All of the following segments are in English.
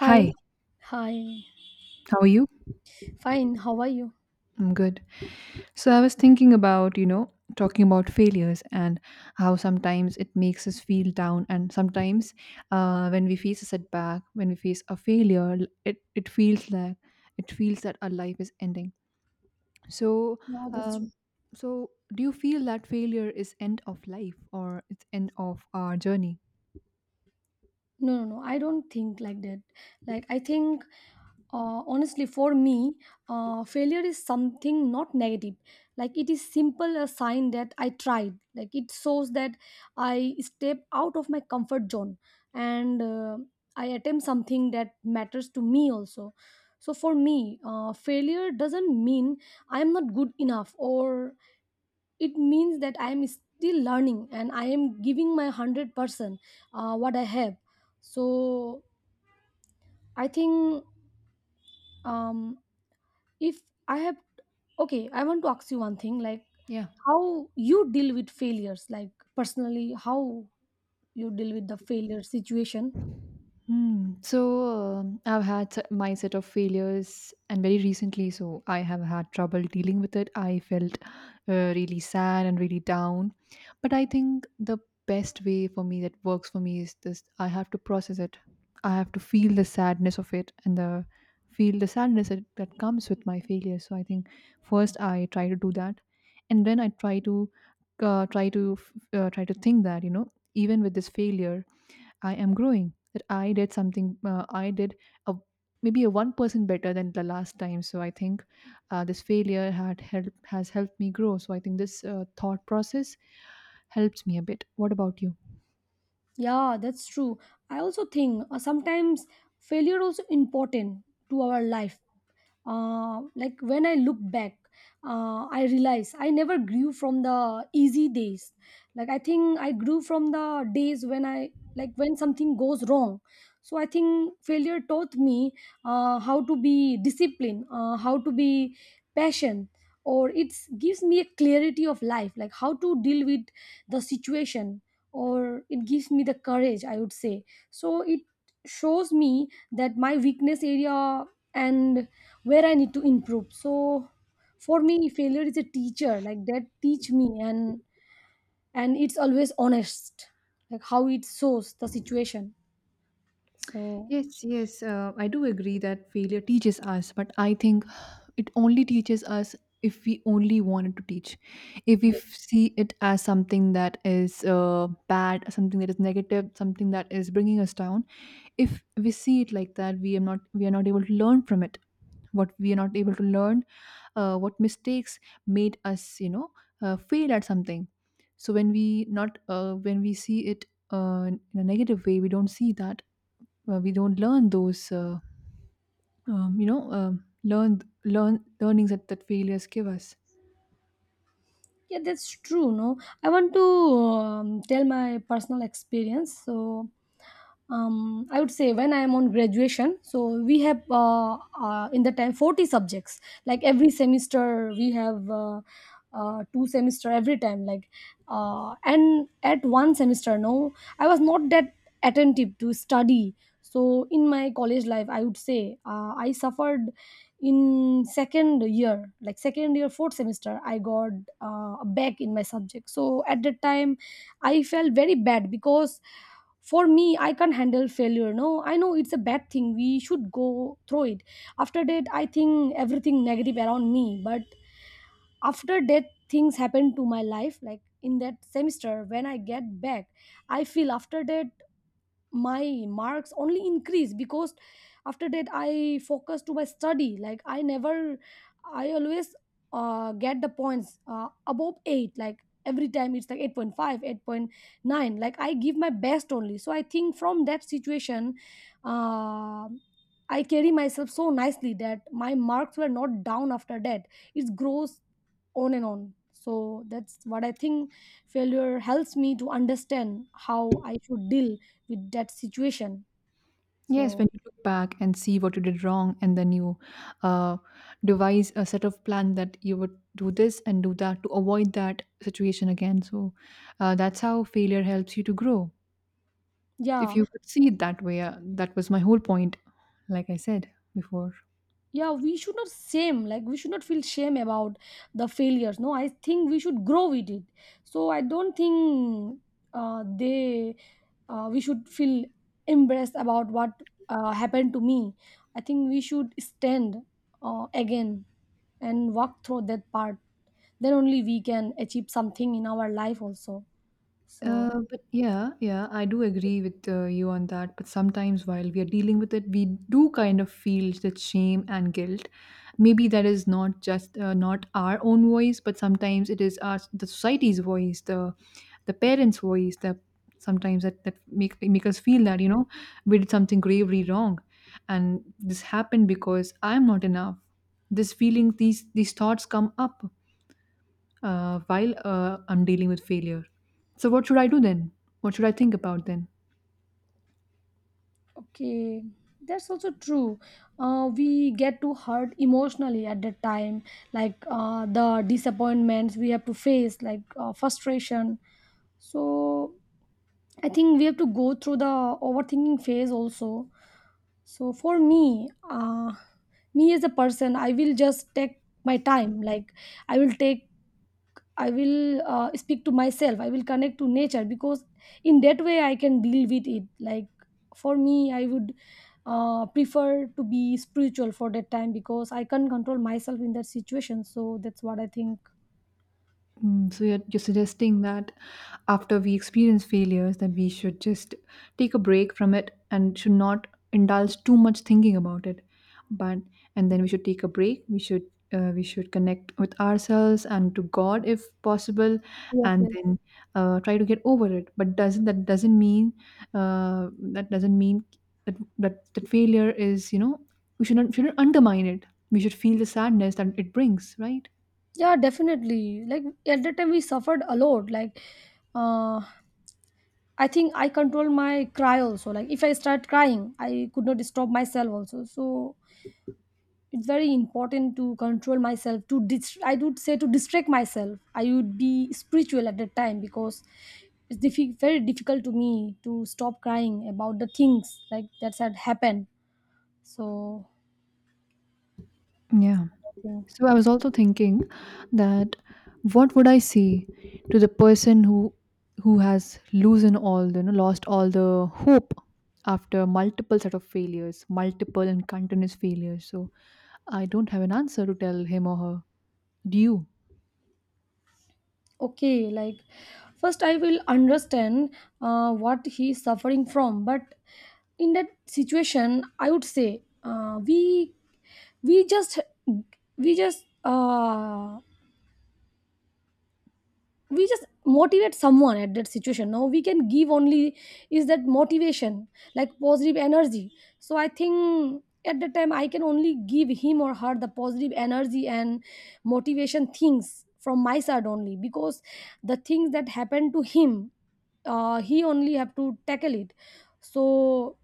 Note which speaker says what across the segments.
Speaker 1: Hi.
Speaker 2: Hi,
Speaker 1: Hi,
Speaker 2: how are you?
Speaker 1: fine. How are you?
Speaker 2: I'm good. So I was thinking about, you know, talking about failures and how sometimes it makes us feel down, and sometimes when we face a setback, when we face a failure, it feels like it feels that our life is ending. So,
Speaker 1: No, that's
Speaker 2: um,
Speaker 1: true.
Speaker 2: so do you feel that failure is end of life or it's end of our journey?
Speaker 1: No, no, no. I don't think like that. Like, I think, honestly, for me, failure is something not negative. Like, it is simple a sign that I tried. Like, it shows that I step out of my comfort zone and I attempt something that matters to me also. So, for me, failure doesn't mean I'm not good enough, or it means that I am still learning and I am giving my 100% what I have. So I think, um, if I have, okay, I want to ask you one thing, like
Speaker 2: Yeah.
Speaker 1: how you deal with failures, like personally how you deal with the failure situation.
Speaker 2: Hmm. So I've had my set of failures, and very recently, so I have had trouble dealing with it. I felt really sad and really down. But I think the best way for me that works for me is this: I have to process it. I have to feel the sadness of it and the feel the sadness that comes with my failure. So I think first I try to do that, and then I try to uh, try to f- try to think that you know even with this failure I am growing, that I did something, I did a, maybe a 1% better than the last time. So I think this failure has helped me grow. So I think this thought process helps me a bit. What about you?
Speaker 1: Yeah, that's true. I also think, sometimes failure also important to our life. Uh, like when I look back, I realize I never grew from the easy days. Like, I think I grew from the days when I, like when something goes wrong. So I think failure taught me how to be disciplined, how to be patient, or it gives me a clarity of life, like how to deal with the situation, or it gives me the courage, I would say. So it shows me that my weakness area and where I need to improve. So for me, failure is a teacher like that teach me, and it's always honest, like how it shows the situation. So
Speaker 2: Yes, yes, I do agree that failure teaches us, but I think it only teaches us if we only wanted to teach. If we see it as something that is bad, something that is negative, something that is bringing us down, if we see it like that we are not able to learn from it, what we are not able to learn, what mistakes made us you know fail at something. So when we not when we see it in a negative way, we don't see that, we don't learn those you know, learnings that failures give us.
Speaker 1: yeah, that's true. No, I want to tell my personal experience. So I would say when I am on graduation, so we have in the time 40 subjects. Like every semester, we have two semester every time. Like and at one semester, no, I was not that attentive to study. So in my college life, I would say I suffered in second year, like second year fourth semester, I got back in my subject. So at that time, I felt very bad because for me I can't handle failure. No, I know it's a bad thing, we should go through it. After that I think everything negative around me, but after that things happen to my life. Like in that semester when I get back, I feel after that my marks only increase, because after that I focus to my study. Like I never, I always get the points above 8, like every time it's like 8.5, 8.9. Like I give my best only. So I think from that situation, uh, I carry myself so nicely that my marks were not down after that. It grows on and on. So that's what I think, failure helps me to understand how I should deal with that situation.
Speaker 2: Yes,
Speaker 1: So
Speaker 2: when you look back and see what you did wrong, and then you uh, devise a set of plan that you would do this and do that to avoid that situation again. So that's how failure helps you to grow. If
Speaker 1: yeah,
Speaker 2: you could see it that way, that was my whole point, like I said before.
Speaker 1: yeah, we should not shame. Like we should not feel shame about the failures. No, I think we should grow with it. So I don't think they, we should feel embarrassed about what happened to me. I think we should stand again and walk through that part. Then only we can achieve something in our life also. So
Speaker 2: But yeah, yeah, I do agree with you on that. But sometimes while we are dealing with it, we do kind of feel that shame and guilt. Maybe that is not just not our own voice, but sometimes it is our the society's voice, the parents' voice. That sometimes that make us feel that you know we did something gravely wrong, and this happened because I'm not enough. This feeling, these thoughts come up while I'm dealing with failure. So, what should I do then? What should I think about then?
Speaker 1: okay, that's also true. We get to hurt emotionally at that time, like the disappointments we have to face, like frustration. So I think we have to go through the overthinking phase also. So for me, me as a person, I will just take my time. Like I will take, I will speak to myself. I will connect to nature, because in that way I can deal with it. Like for me, I would prefer to be spiritual for that time, because I can't control myself in that situation. So that's what I think.
Speaker 2: Mm, so you're suggesting that after we experience failures, that we should just take a break from it and should not indulge too much thinking about it. But and then we should take a break. We should connect with ourselves and to God if possible,
Speaker 1: Yes,
Speaker 2: and
Speaker 1: yes.
Speaker 2: then try to get over it. But doesn't mean that doesn't mean that failure is, you know, we shouldn't undermine it. We should feel the sadness that it brings, right?
Speaker 1: Yeah, definitely. Like at that time we suffered a lot. Like uh, I think I control my cry also. Like if I start crying, I could not stop myself also. So it's very important to control myself to I would say to distract myself. I would be spiritual at that time, because it's very difficult to me to stop crying about the things like that had happened. So
Speaker 2: Yeah.
Speaker 1: I think,
Speaker 2: So I was also thinking that what would I say to the person who has losing all the, you know, lost all the hope after multiple set of failures, multiple and continuous failures. So I don't have an answer to tell him or her. Do you?
Speaker 1: okay, like first I will understand what he is suffering from, but in that situation I would say we, we just we just uh, we just motivate someone at that situation. No, we can give only is that motivation, like positive energy. So I think at that time I can only give him or her the positive energy and motivation things from my side only, because the things that happened to him, he only have to tackle it. So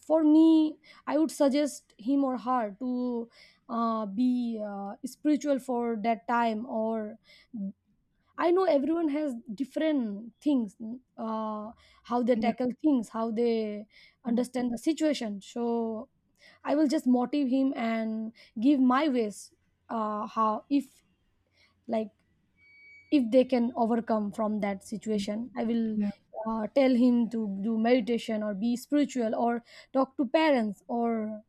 Speaker 1: for me, I would suggest him or her to be spiritual for that time, or I know everyone has different things, uh, how they
Speaker 2: Yeah.
Speaker 1: tackle things, how they
Speaker 2: Mm.
Speaker 1: understand the situation. So I will just motive him and give my ways, how if, like if they can overcome from that
Speaker 2: Mm.
Speaker 1: situation. I will
Speaker 2: Yeah.
Speaker 1: tell him to do meditation or be spiritual or talk to parents, or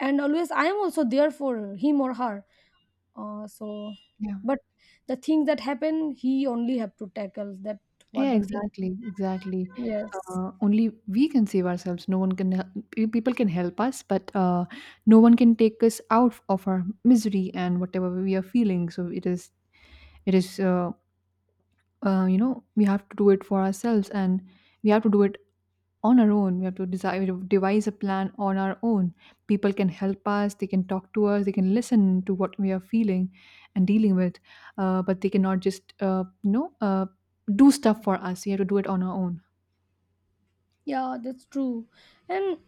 Speaker 1: and always I am also there for him or her. So,
Speaker 2: Yeah.
Speaker 1: but the thing that happen, he only have to tackle that, what
Speaker 2: Yeah,
Speaker 1: the thing.
Speaker 2: exactly, exactly.
Speaker 1: Yes,
Speaker 2: Only we can save ourselves. No one can. People can help us, but no one can take us out of our misery and whatever we are feeling. So it is. It is, uh, you know, we have to do it for ourselves and we have to do it on our own. We have to devise a plan on our own. People can help us, they can talk to us, they can listen to what we are feeling and dealing with, but they cannot just, you know, do stuff for us. We have to do it on our own.
Speaker 1: yeah, that's true, and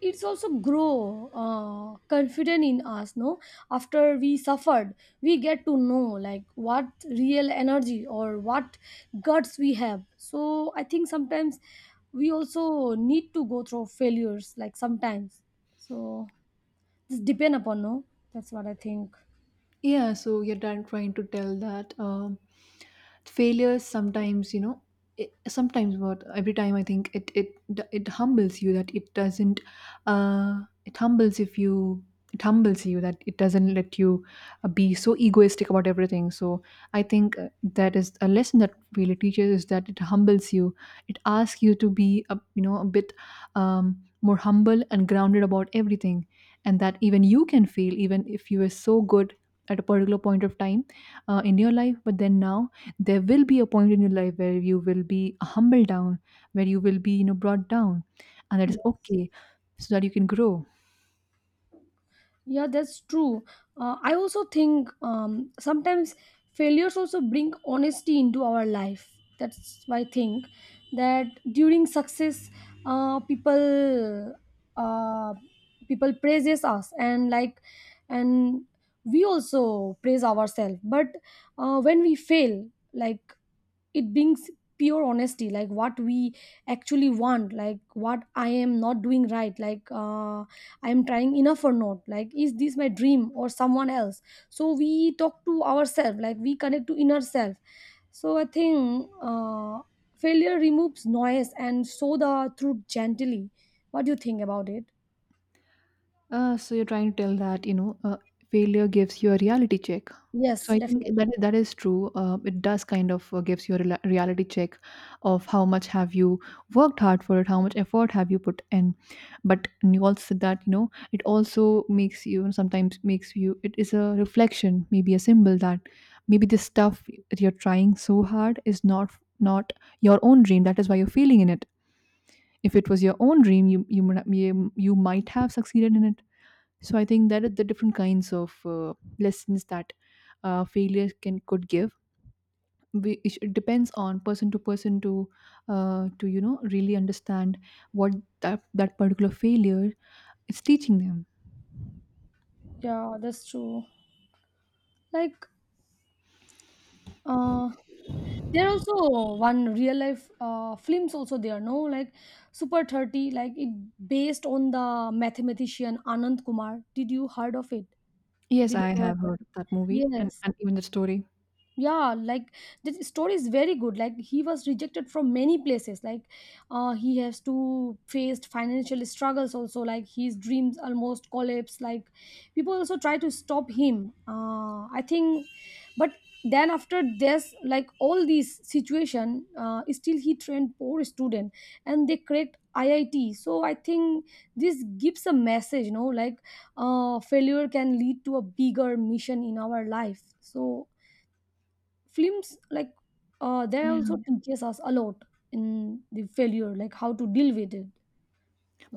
Speaker 1: it's also grow confident in us. No, after we suffered, we get to know like what real energy or what guts we have. So I think sometimes we also need to go through failures, like sometimes. So this depend upon, no. That's what I think.
Speaker 2: Yeah, so you're done trying to tell that failures sometimes, you know, it, sometimes what every time I think it humbles you that it doesn't. It humbles if you it humbles you that it doesn't let you be so egoistic about everything. So I think that is a lesson that really teaches is that it humbles you. It asks you to be a, you know, a bit more humble and grounded about everything, and that even you can fail, even if you are so good at a particular point of time in your life, but then now there will be a point in your life where you will be humbled down, where you will be, you know, brought down, and that is okay so that you can grow.
Speaker 1: Yeah, that's true. I also think, sometimes failures also bring honesty into our life. That's why I think that during success, people, uh, people praises us, and like, and we also praise ourselves. But when we fail, like it brings pure honesty, like what we actually want, like what I am not doing right, like I am trying enough or not, like is this my dream or someone else. So we talk to ourselves, like we connect to inner self. So I think, failure removes noise and show the truth gently. What do you think about it?
Speaker 2: So you're trying to tell that you know failure gives you a reality check. So
Speaker 1: Yes,
Speaker 2: I think
Speaker 1: definitely.
Speaker 2: that that is true. It does kind of gives you a reality check of how much have you worked hard for it, how much effort have you put in. But you also said that you know it also makes you. It is a reflection, maybe a symbol that maybe this stuff that you're trying so hard is not your own dream. That is why you're failing in it. If it was your own dream, you, you might have succeeded in it. So I think that are the different kinds of lessons that failure can could give. We, it depends on person to person to you know really understand what that particular failure is teaching them.
Speaker 1: Yeah, that's true. Like, uh there are also one real life films also there, no, like Super 30, like it based on the mathematician Anand Kumar. Did you heard of it? Did
Speaker 2: Yes,
Speaker 1: you
Speaker 2: I
Speaker 1: hear
Speaker 2: have
Speaker 1: about
Speaker 2: heard of
Speaker 1: it?
Speaker 2: that movie
Speaker 1: Yes.
Speaker 2: and even the story.
Speaker 1: Yeah, like the story is very good. Like he was rejected from many places, like he has to faced financial struggles also, like his dreams almost collapse, like people also try to stop him, I think. But then after this, like all these situation, still he trained poor student, and they cracked IIT. So I think this gives a message, you know, like failure can lead to a bigger mission in our life. So films like they also teaches us a lot in the failure, like how to deal with it.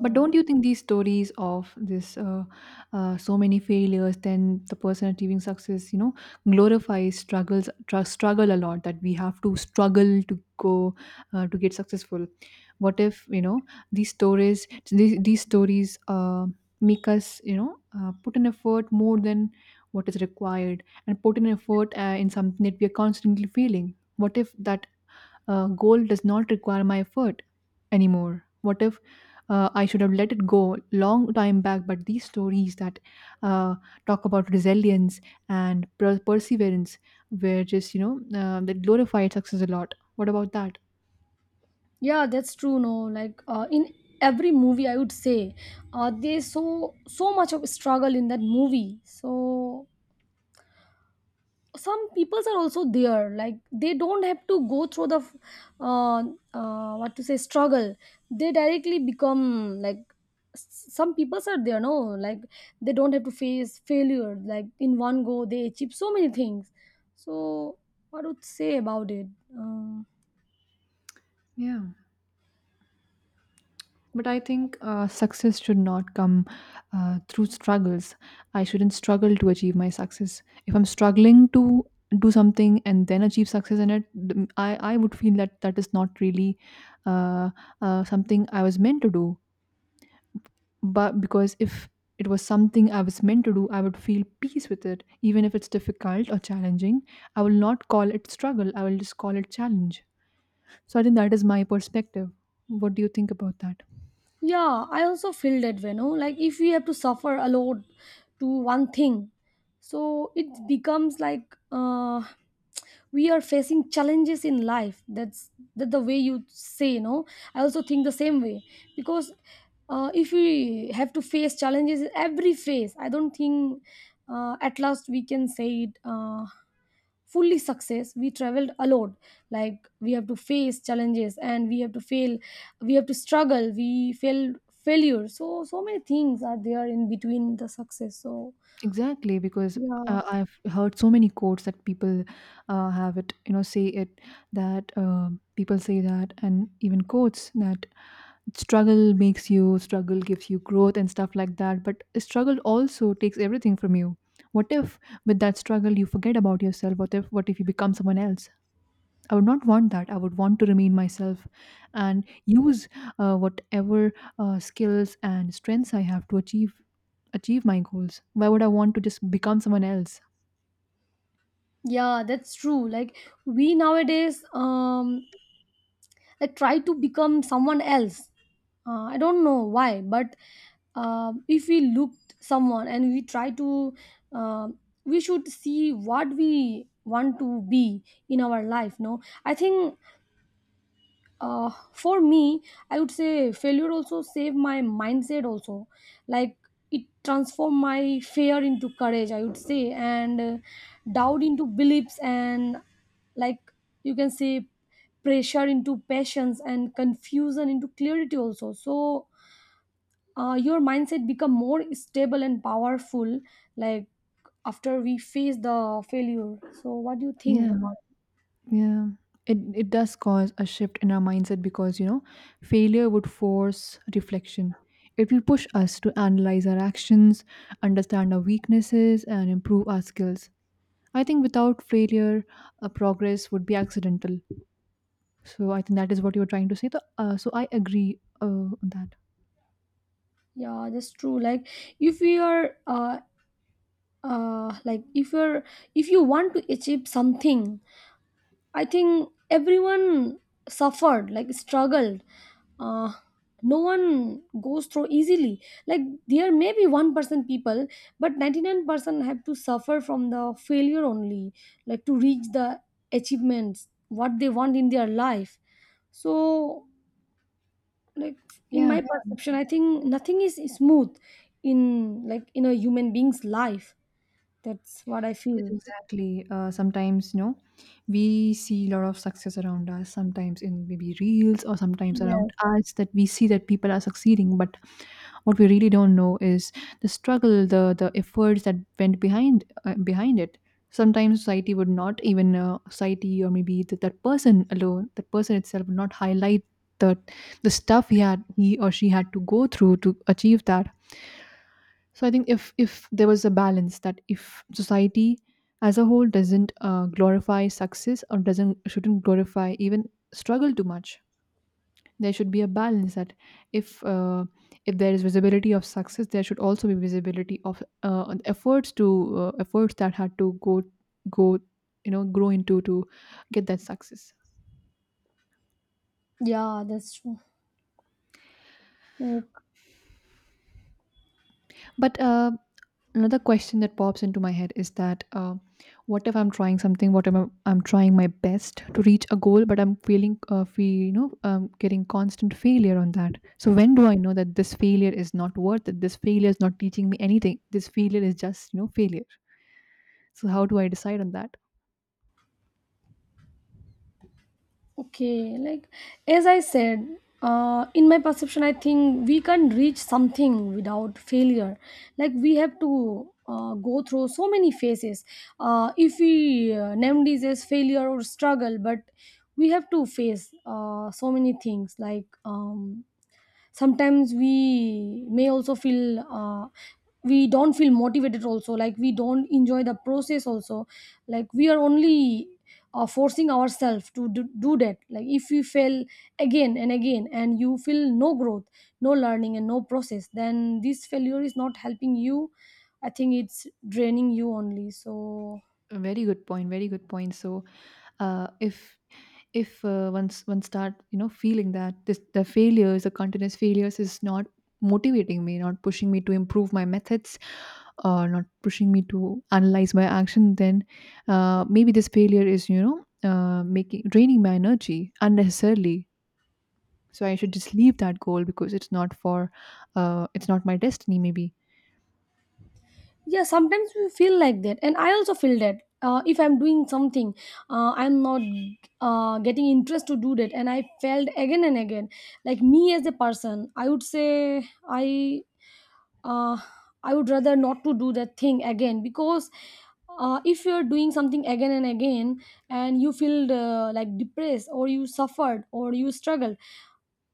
Speaker 2: But don't you think these stories of this so many failures, then the person achieving success, you know, glorifies struggle a lot that we have to struggle to go to get successful. What if you know these stories? These stories make us you know put an effort more than what is required and put an effort in something that we are constantly failing. What if that goal does not require my effort anymore? What if I should have let it go long time back, but these stories that uh, talk about resilience and perseverance were just you know that glorified success a lot? What about that?
Speaker 1: yeah, that's true, no. Like in every movie, I would say there's so so much of struggle in that movie. So some peoples are also there, like they don't have to go through the uh, what to say, struggle. They directly become like, some peoples are there, no, like they don't have to face failure. Like in one go they achieve so many things. So what would say about it? Um,
Speaker 2: Yeah. But I think success should not come through struggles. I shouldn't struggle to achieve my success. If I'm struggling to do something and then achieve success in it, I would feel that that is not really uh, something I was meant to do. But because if it was something I was meant to do, I would feel peace with it. Even if it's difficult or challenging, I will not call it struggle. I will just call it challenge. So I think that is my perspective. What do you think about that?
Speaker 1: yeah, I also feel that way, no? Like if we have to suffer a lot to one thing, so it becomes like we are facing challenges in life. That's that the way you say, no? I also think the same way because if we have to face challenges in every phase, I don't think at last we can say it fully success. We traveled a lot, like we have to face challenges and we have to fail, we have to struggle we fail failure. So many things are there in between the success. so
Speaker 2: Exactly, because
Speaker 1: yeah
Speaker 2: I've heard so many quotes that people have it, you know, say it that people say that, and even quotes that struggle makes you, struggle gives you growth and stuff like that. But struggle also takes everything from you. What if with that struggle you forget about yourself? What if you become someone else? I would not want that. I would want to remain myself and use whatever skills and strengths I have to achieve my goals. Why would I want to just become someone else?
Speaker 1: yeah that's true. Like, we nowadays like try to become someone else. I don't know why, but if we looked someone and we try to um we should see what we want to be in our life, no? I think for me, I would say failure also saved my mindset also. Like, it transformed my fear into courage, I would say, and doubt into beliefs, and like, you can say, pressure into passions and confusion into clarity also. So your mindset become more stable and powerful, like after we face the failure. So what do you think
Speaker 2: Yeah,
Speaker 1: about?
Speaker 2: yeah. It it does cause a shift in our mindset because you know failure would force reflection. It will push us to analyze our actions, understand our weaknesses, and improve our skills. I think without failure, progress would be accidental. So I think that is what you were trying to say. The, so I agree on that.
Speaker 1: Yeah, that's true. Like, if we are like if you're, if you want to achieve something, I think everyone suffered, like struggled. uh, no one goes through easily. Like, there may be 1% people, but 99% have to suffer from the failure only, like, to reach the achievements what they want in their life. So, like, in
Speaker 2: Yeah,
Speaker 1: my perception, I think nothing is smooth in, like, in a human being's life. That's what I
Speaker 2: yes,
Speaker 1: feel.
Speaker 2: exactly. Sometimes, you know, we see a lot of success around us, sometimes in maybe reels or sometimes around
Speaker 1: Yes.
Speaker 2: us that we see that people are succeeding. But what we really don't know is the struggle, the efforts that went behind behind it. Sometimes society would not even society or maybe that that person alone, that person itself would not highlight the the stuff he or she had to go through to achieve that. So I think if there was a balance that if society as a whole doesn't glorify success or doesn't shouldn't glorify even struggle too much, there should be a balance that if uh, if there is visibility of success, there should also be visibility of efforts to efforts that had to go go you know grow into to get that success.
Speaker 1: Yeah, that's true. Like,
Speaker 2: But another question that pops into my head is that what if I'm trying something what if I'm, I'm trying my best to reach a goal but I'm feeling fe- you know getting constant failure on that so when do I know that this failure is not worth it this failure is not teaching me anything this failure is just you know failure so how do I decide on that
Speaker 1: okay, like as I said, in my perception, I think we can't reach something without failure. Like, we have to go through so many phases. If we name this as failure or struggle, but we have to face so many things, like, sometimes we may also feel we don't feel motivated also, like we don't enjoy the process also. Like, we are only forcing ourselves to do that. Like, if you fail again and again and you feel no growth, no learning, and no process, then this failure is not helping you. I think it's draining you only. So
Speaker 2: A very good point so uh, if if once one start feeling that this the failures the continuous failures is not motivating me, not pushing me to improve my methods, or not pushing me to analyze my action, then maybe this failure is making draining my energy unnecessarily, so I should just leave that goal because it's not my destiny maybe.
Speaker 1: yeah, sometimes we feel like that, and I also feel that if I'm doing something I'm not getting interest to do that, and I failed again and again. Like, me as a person, I would say, i uh, I would rather not to do that thing again, because if you're doing something again and again, and you feel like depressed, or you suffered or you struggled,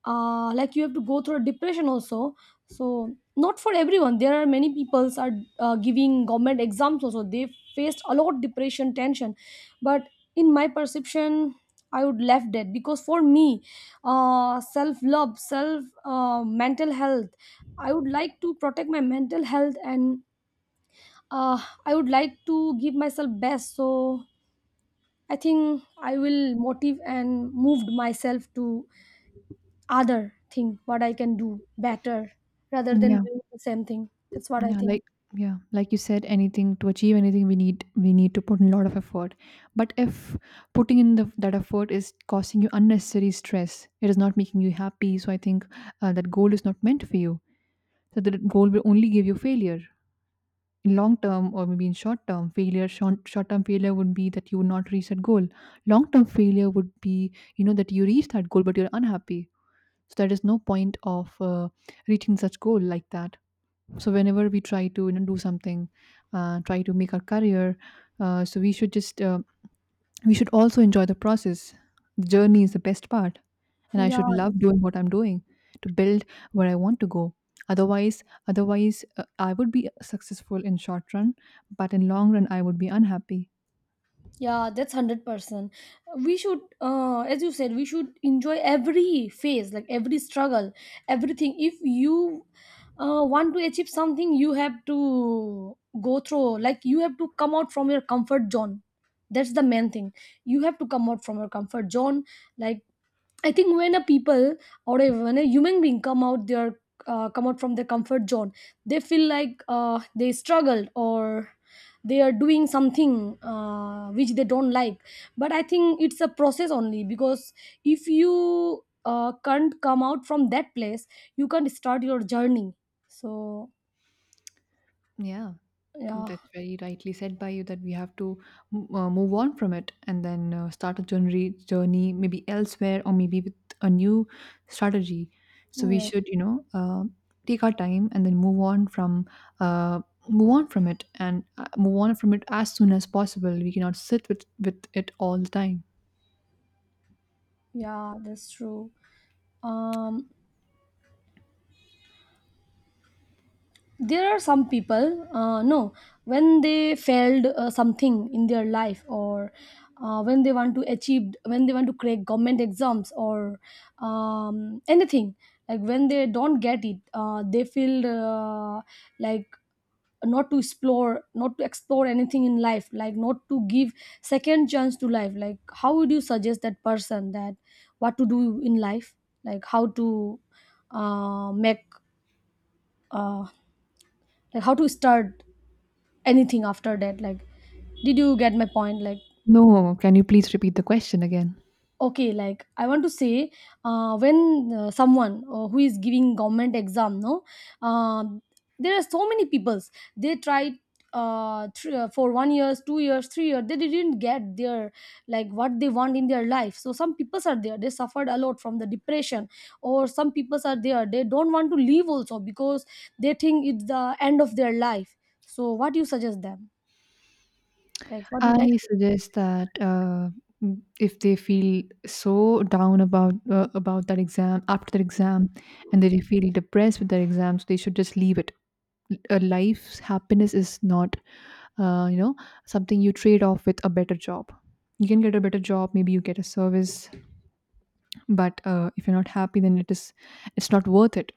Speaker 1: like you have to go through a depression also. So, not for everyone. There are many peoples are giving government exams also, they faced a lot depression tension. But in my perception, I would left that, because for me, self love, self mental health, I would like to protect my mental health. And uh, I would like to give myself best. So I think I will motive and moved myself to other thing what I can do better, rather than
Speaker 2: Yeah.
Speaker 1: doing the same thing. That's what I
Speaker 2: Yeah,
Speaker 1: think.
Speaker 2: like yeah, like you said, anything, to achieve anything, we need to put in a lot of effort. But if putting in that effort is causing you unnecessary stress, it is not making you happy, so I think that goal is not meant for you. So that goal will only give you failure in long term or maybe in short term. Failure, short term failure would be that you would not reach that goal. Long term failure would be, you know, that you reach that goal but you're unhappy. So there is no point of reaching such goal like that. So whenever we try to, you know, do something, try to make our career, uh, so we should just uh, we should also enjoy the process. The journey is the best part, and I should
Speaker 1: yeah that-
Speaker 2: love doing what I'm doing to build where I want to go. Otherwise I would be successful in short run, but in long run I would be unhappy.
Speaker 1: yeah, that's 100%. We should, as you said, we should enjoy every phase, like every struggle. Everything, if you want to achieve something, you have to go through. Like, you have to come out from your comfort zone. That's the main thing. You have to come out from your comfort zone. Like, I think when a people or a, when a human being come out their come out from their comfort zone, they feel like they struggled, or they are doing something which they don't like. But I think it's a process only, because if you can't come out from that place, you can't start your journey. So
Speaker 2: Yeah
Speaker 1: yeah,
Speaker 2: That's very rightly said by you, that we have to move on from it and then start a journey, journey maybe elsewhere or maybe with a new strategy. So we
Speaker 1: yeah,
Speaker 2: should, you know, take our time and then uh, move on from it and move on from it as soon as possible. We cannot sit with it all the time.
Speaker 1: yeah, that's true. Um, there are some people, no, when they failed something in their life, or when they want to achieve, when they want to crack government exams, or anything, like when they don't get it, they feel like not to explore, not to explore anything in life, like not to give second chance to life. Like, how would you suggest that person that what to do in life? Like, how to make uh, like how to start anything after that? Like, did you get my point? Like,
Speaker 2: No, can you please repeat the question again?
Speaker 1: okay, like I want to say, when someone who is giving government exam, no, um there are so many peoples, they tried for 1 years, 2 years, 3 years, they didn't get their, like, what they want in their life. So some peoples are there, they suffered a lot from the depression, or some peoples are there, they don't want to leave also, because they think it's the end of their life. So what do you suggest them? Like, what do you like?
Speaker 2: I suggest that if they feel so down about that exam, after that exam, and they feel depressed with their exams, they should just leave it. A life's happiness is not, uh, you know, something you trade off with a better job. You can get a better job, maybe you get a service, but if you're not happy, then it is, it's not worth it.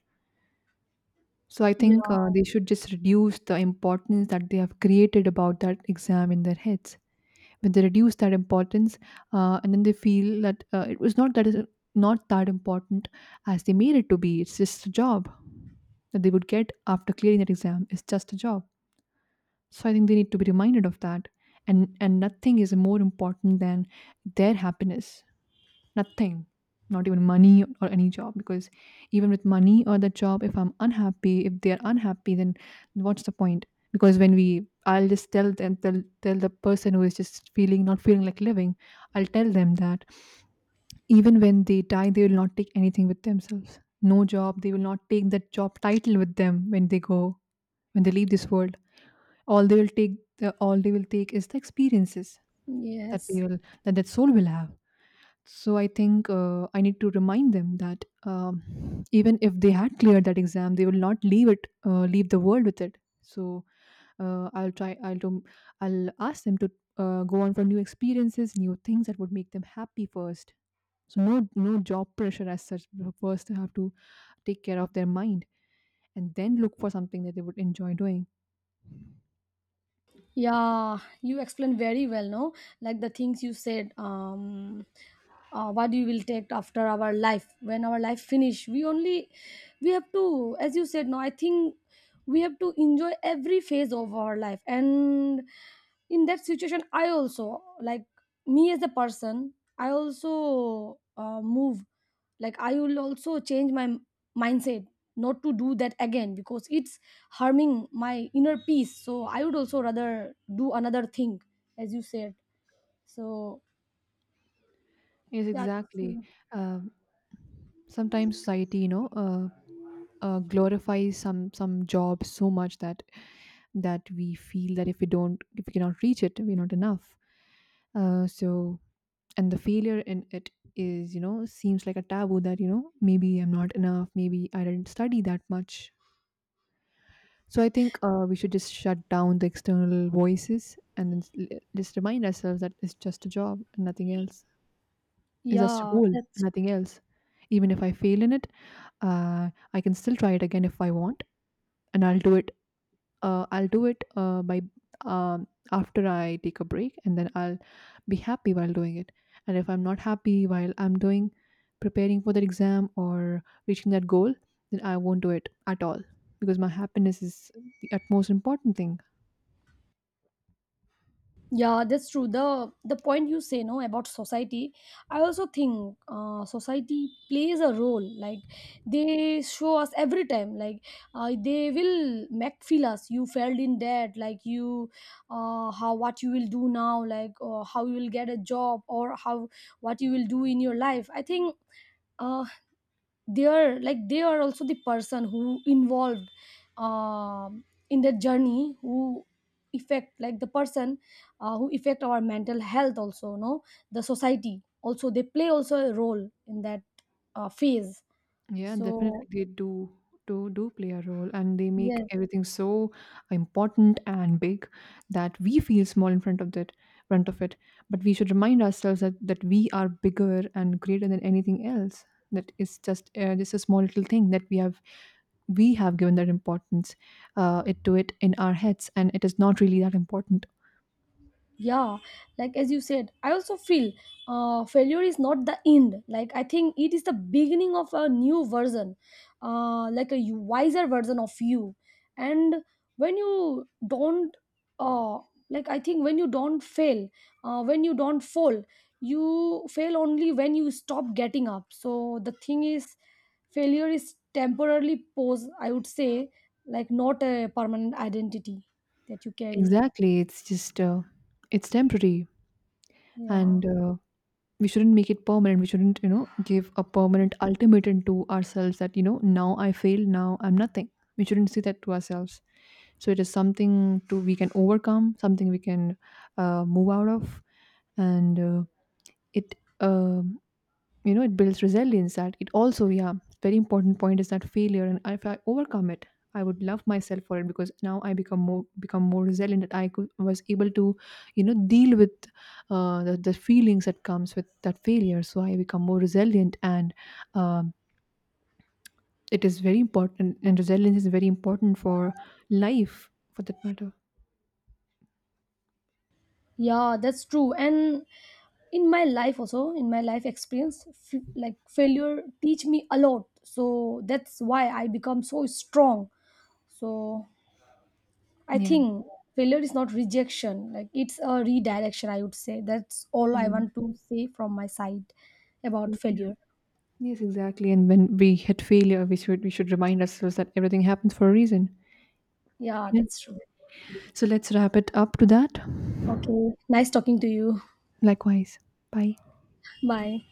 Speaker 2: So I think
Speaker 1: Yeah.
Speaker 2: they should just reduce the importance that they have created about that exam in their heads. When they reduce that importance and then they feel that it was not that is not that important as they made it to be, it's just a job that they would get after clearing that exam. It's just a job, so I think they need to be reminded of that. And nothing is more important than their happiness. Nothing. Not even money or any job. Because even with money or the job, if I'm unhappy, if they're unhappy, then what's the point? Because when we, I'll just tell them, tell, tell the person who is just feeling, not feeling like living, I'll tell them that even when they die, they will not take anything with themselves. No job, they will not take that job title with them when they go, when they leave this world. All they will take, the, all they will take is the experiences that
Speaker 1: Yes.
Speaker 2: they will, that that soul will have. So I think I need to remind them that even if they had cleared that exam, they will not leave it, leave the world with it. So I'll do, I'll ask them to go on for new experiences, new things that would make them happy first. So no, no job pressure as such. First, they have to take care of their mind, and then look for something that they would enjoy doing.
Speaker 1: Yeah, you explained very well, no? Like the things you said, what you will take after our life, when our life finish. We only, we have to, as you said, no, I think we have to enjoy every phase of our life. And in that situation, I also, like, me as a person, I also move, like, I will also change my mindset, not to do that again, because it's harming my inner peace. So I would also rather do another thing, as you said. So
Speaker 2: Yes,
Speaker 1: yeah, that's
Speaker 2: exactly.
Speaker 1: true.
Speaker 2: Um Sometimes society, you know, glorifies some job so much that we feel that if we don't, if we cannot reach it, we're not enough. So, and the failure in it is, you know, seems like a taboo, that you know, maybe I'm not enough, maybe I didn't study that much. So I think we should just shut down the external voices and then just remind ourselves that it's just a job and nothing else. It's just a
Speaker 1: yeah
Speaker 2: goal and
Speaker 1: that's
Speaker 2: nothing else. Even if I fail in it, I can still try it again if I want, and I'll do it. I'll do it by um, after I take a break, and then I'll be happy while doing it. And if I'm not happy while I'm doing, preparing for that exam or reaching that goal, then I won't do it at all, because my happiness is the utmost important thing.
Speaker 1: yeah, that's true. The point you say, no, about society, I also think society plays a role. Like, they show us every time, like, they will make feel us you failed in that, like, you how what you will do now, like, how you will get a job, or how what you will do in your life. I think uh, they are, like, they are also the person who involved um, in the journey, who affect, like, the person who affect our mental health also, no? The society also, they play also a role in that phase.
Speaker 2: Yeah, definitely
Speaker 1: So
Speaker 2: they do, do play a role, and they make
Speaker 1: yes.
Speaker 2: everything so important and big that we feel small in front of that, front of it. But we should remind ourselves that, that we are bigger and greater than anything else. That is just a small little thing that we have given that importance it to it in our heads, and it is not really that important.
Speaker 1: Yeah, like as you said, I also feel failure is not the end. Like, I think it is the beginning of a new version, like a wiser version of you. And when you don't uh, like, I think when you don't fail, when you don't fall, you fail only when you stop getting up. So the thing is, failure is temporarily pose, I would say, like not a permanent identity that you carry.
Speaker 2: Exactly, it's just it's temporary,
Speaker 1: Yeah.
Speaker 2: and we shouldn't make it permanent. We shouldn't, you know, give a permanent ultimatum to ourselves that, you know, now I fail, now I'm nothing. We shouldn't say that to ourselves. So it is something to, we can overcome, something we can move out of, and it um you know, it builds resilience, that it also, yeah, very important point is that failure, and if I overcome it, I would love myself for it, because now I become more, become more resilient, that I could, was able to, you know, deal with the feelings that comes with that failure. So I become more resilient, and um, it is very important, and resilience is very important for life, for that matter.
Speaker 1: Yeah, that's true. And in my life also, in my life experience, like failure teach me a lot. So that's why I become so strong. So I
Speaker 2: Yeah.
Speaker 1: think failure is not rejection, like it's a redirection, I would say. That's all I
Speaker 2: Mm,
Speaker 1: want to say from my side about
Speaker 2: mm, yeah.
Speaker 1: failure.
Speaker 2: Yes, exactly, and when we hit failure, we should remind ourselves that everything happens for a reason.
Speaker 1: Yeah,
Speaker 2: Yeah.
Speaker 1: that's true.
Speaker 2: So let's wrap it up to that.
Speaker 1: Okay, nice talking to you.
Speaker 2: Likewise. Bye.
Speaker 1: Bye.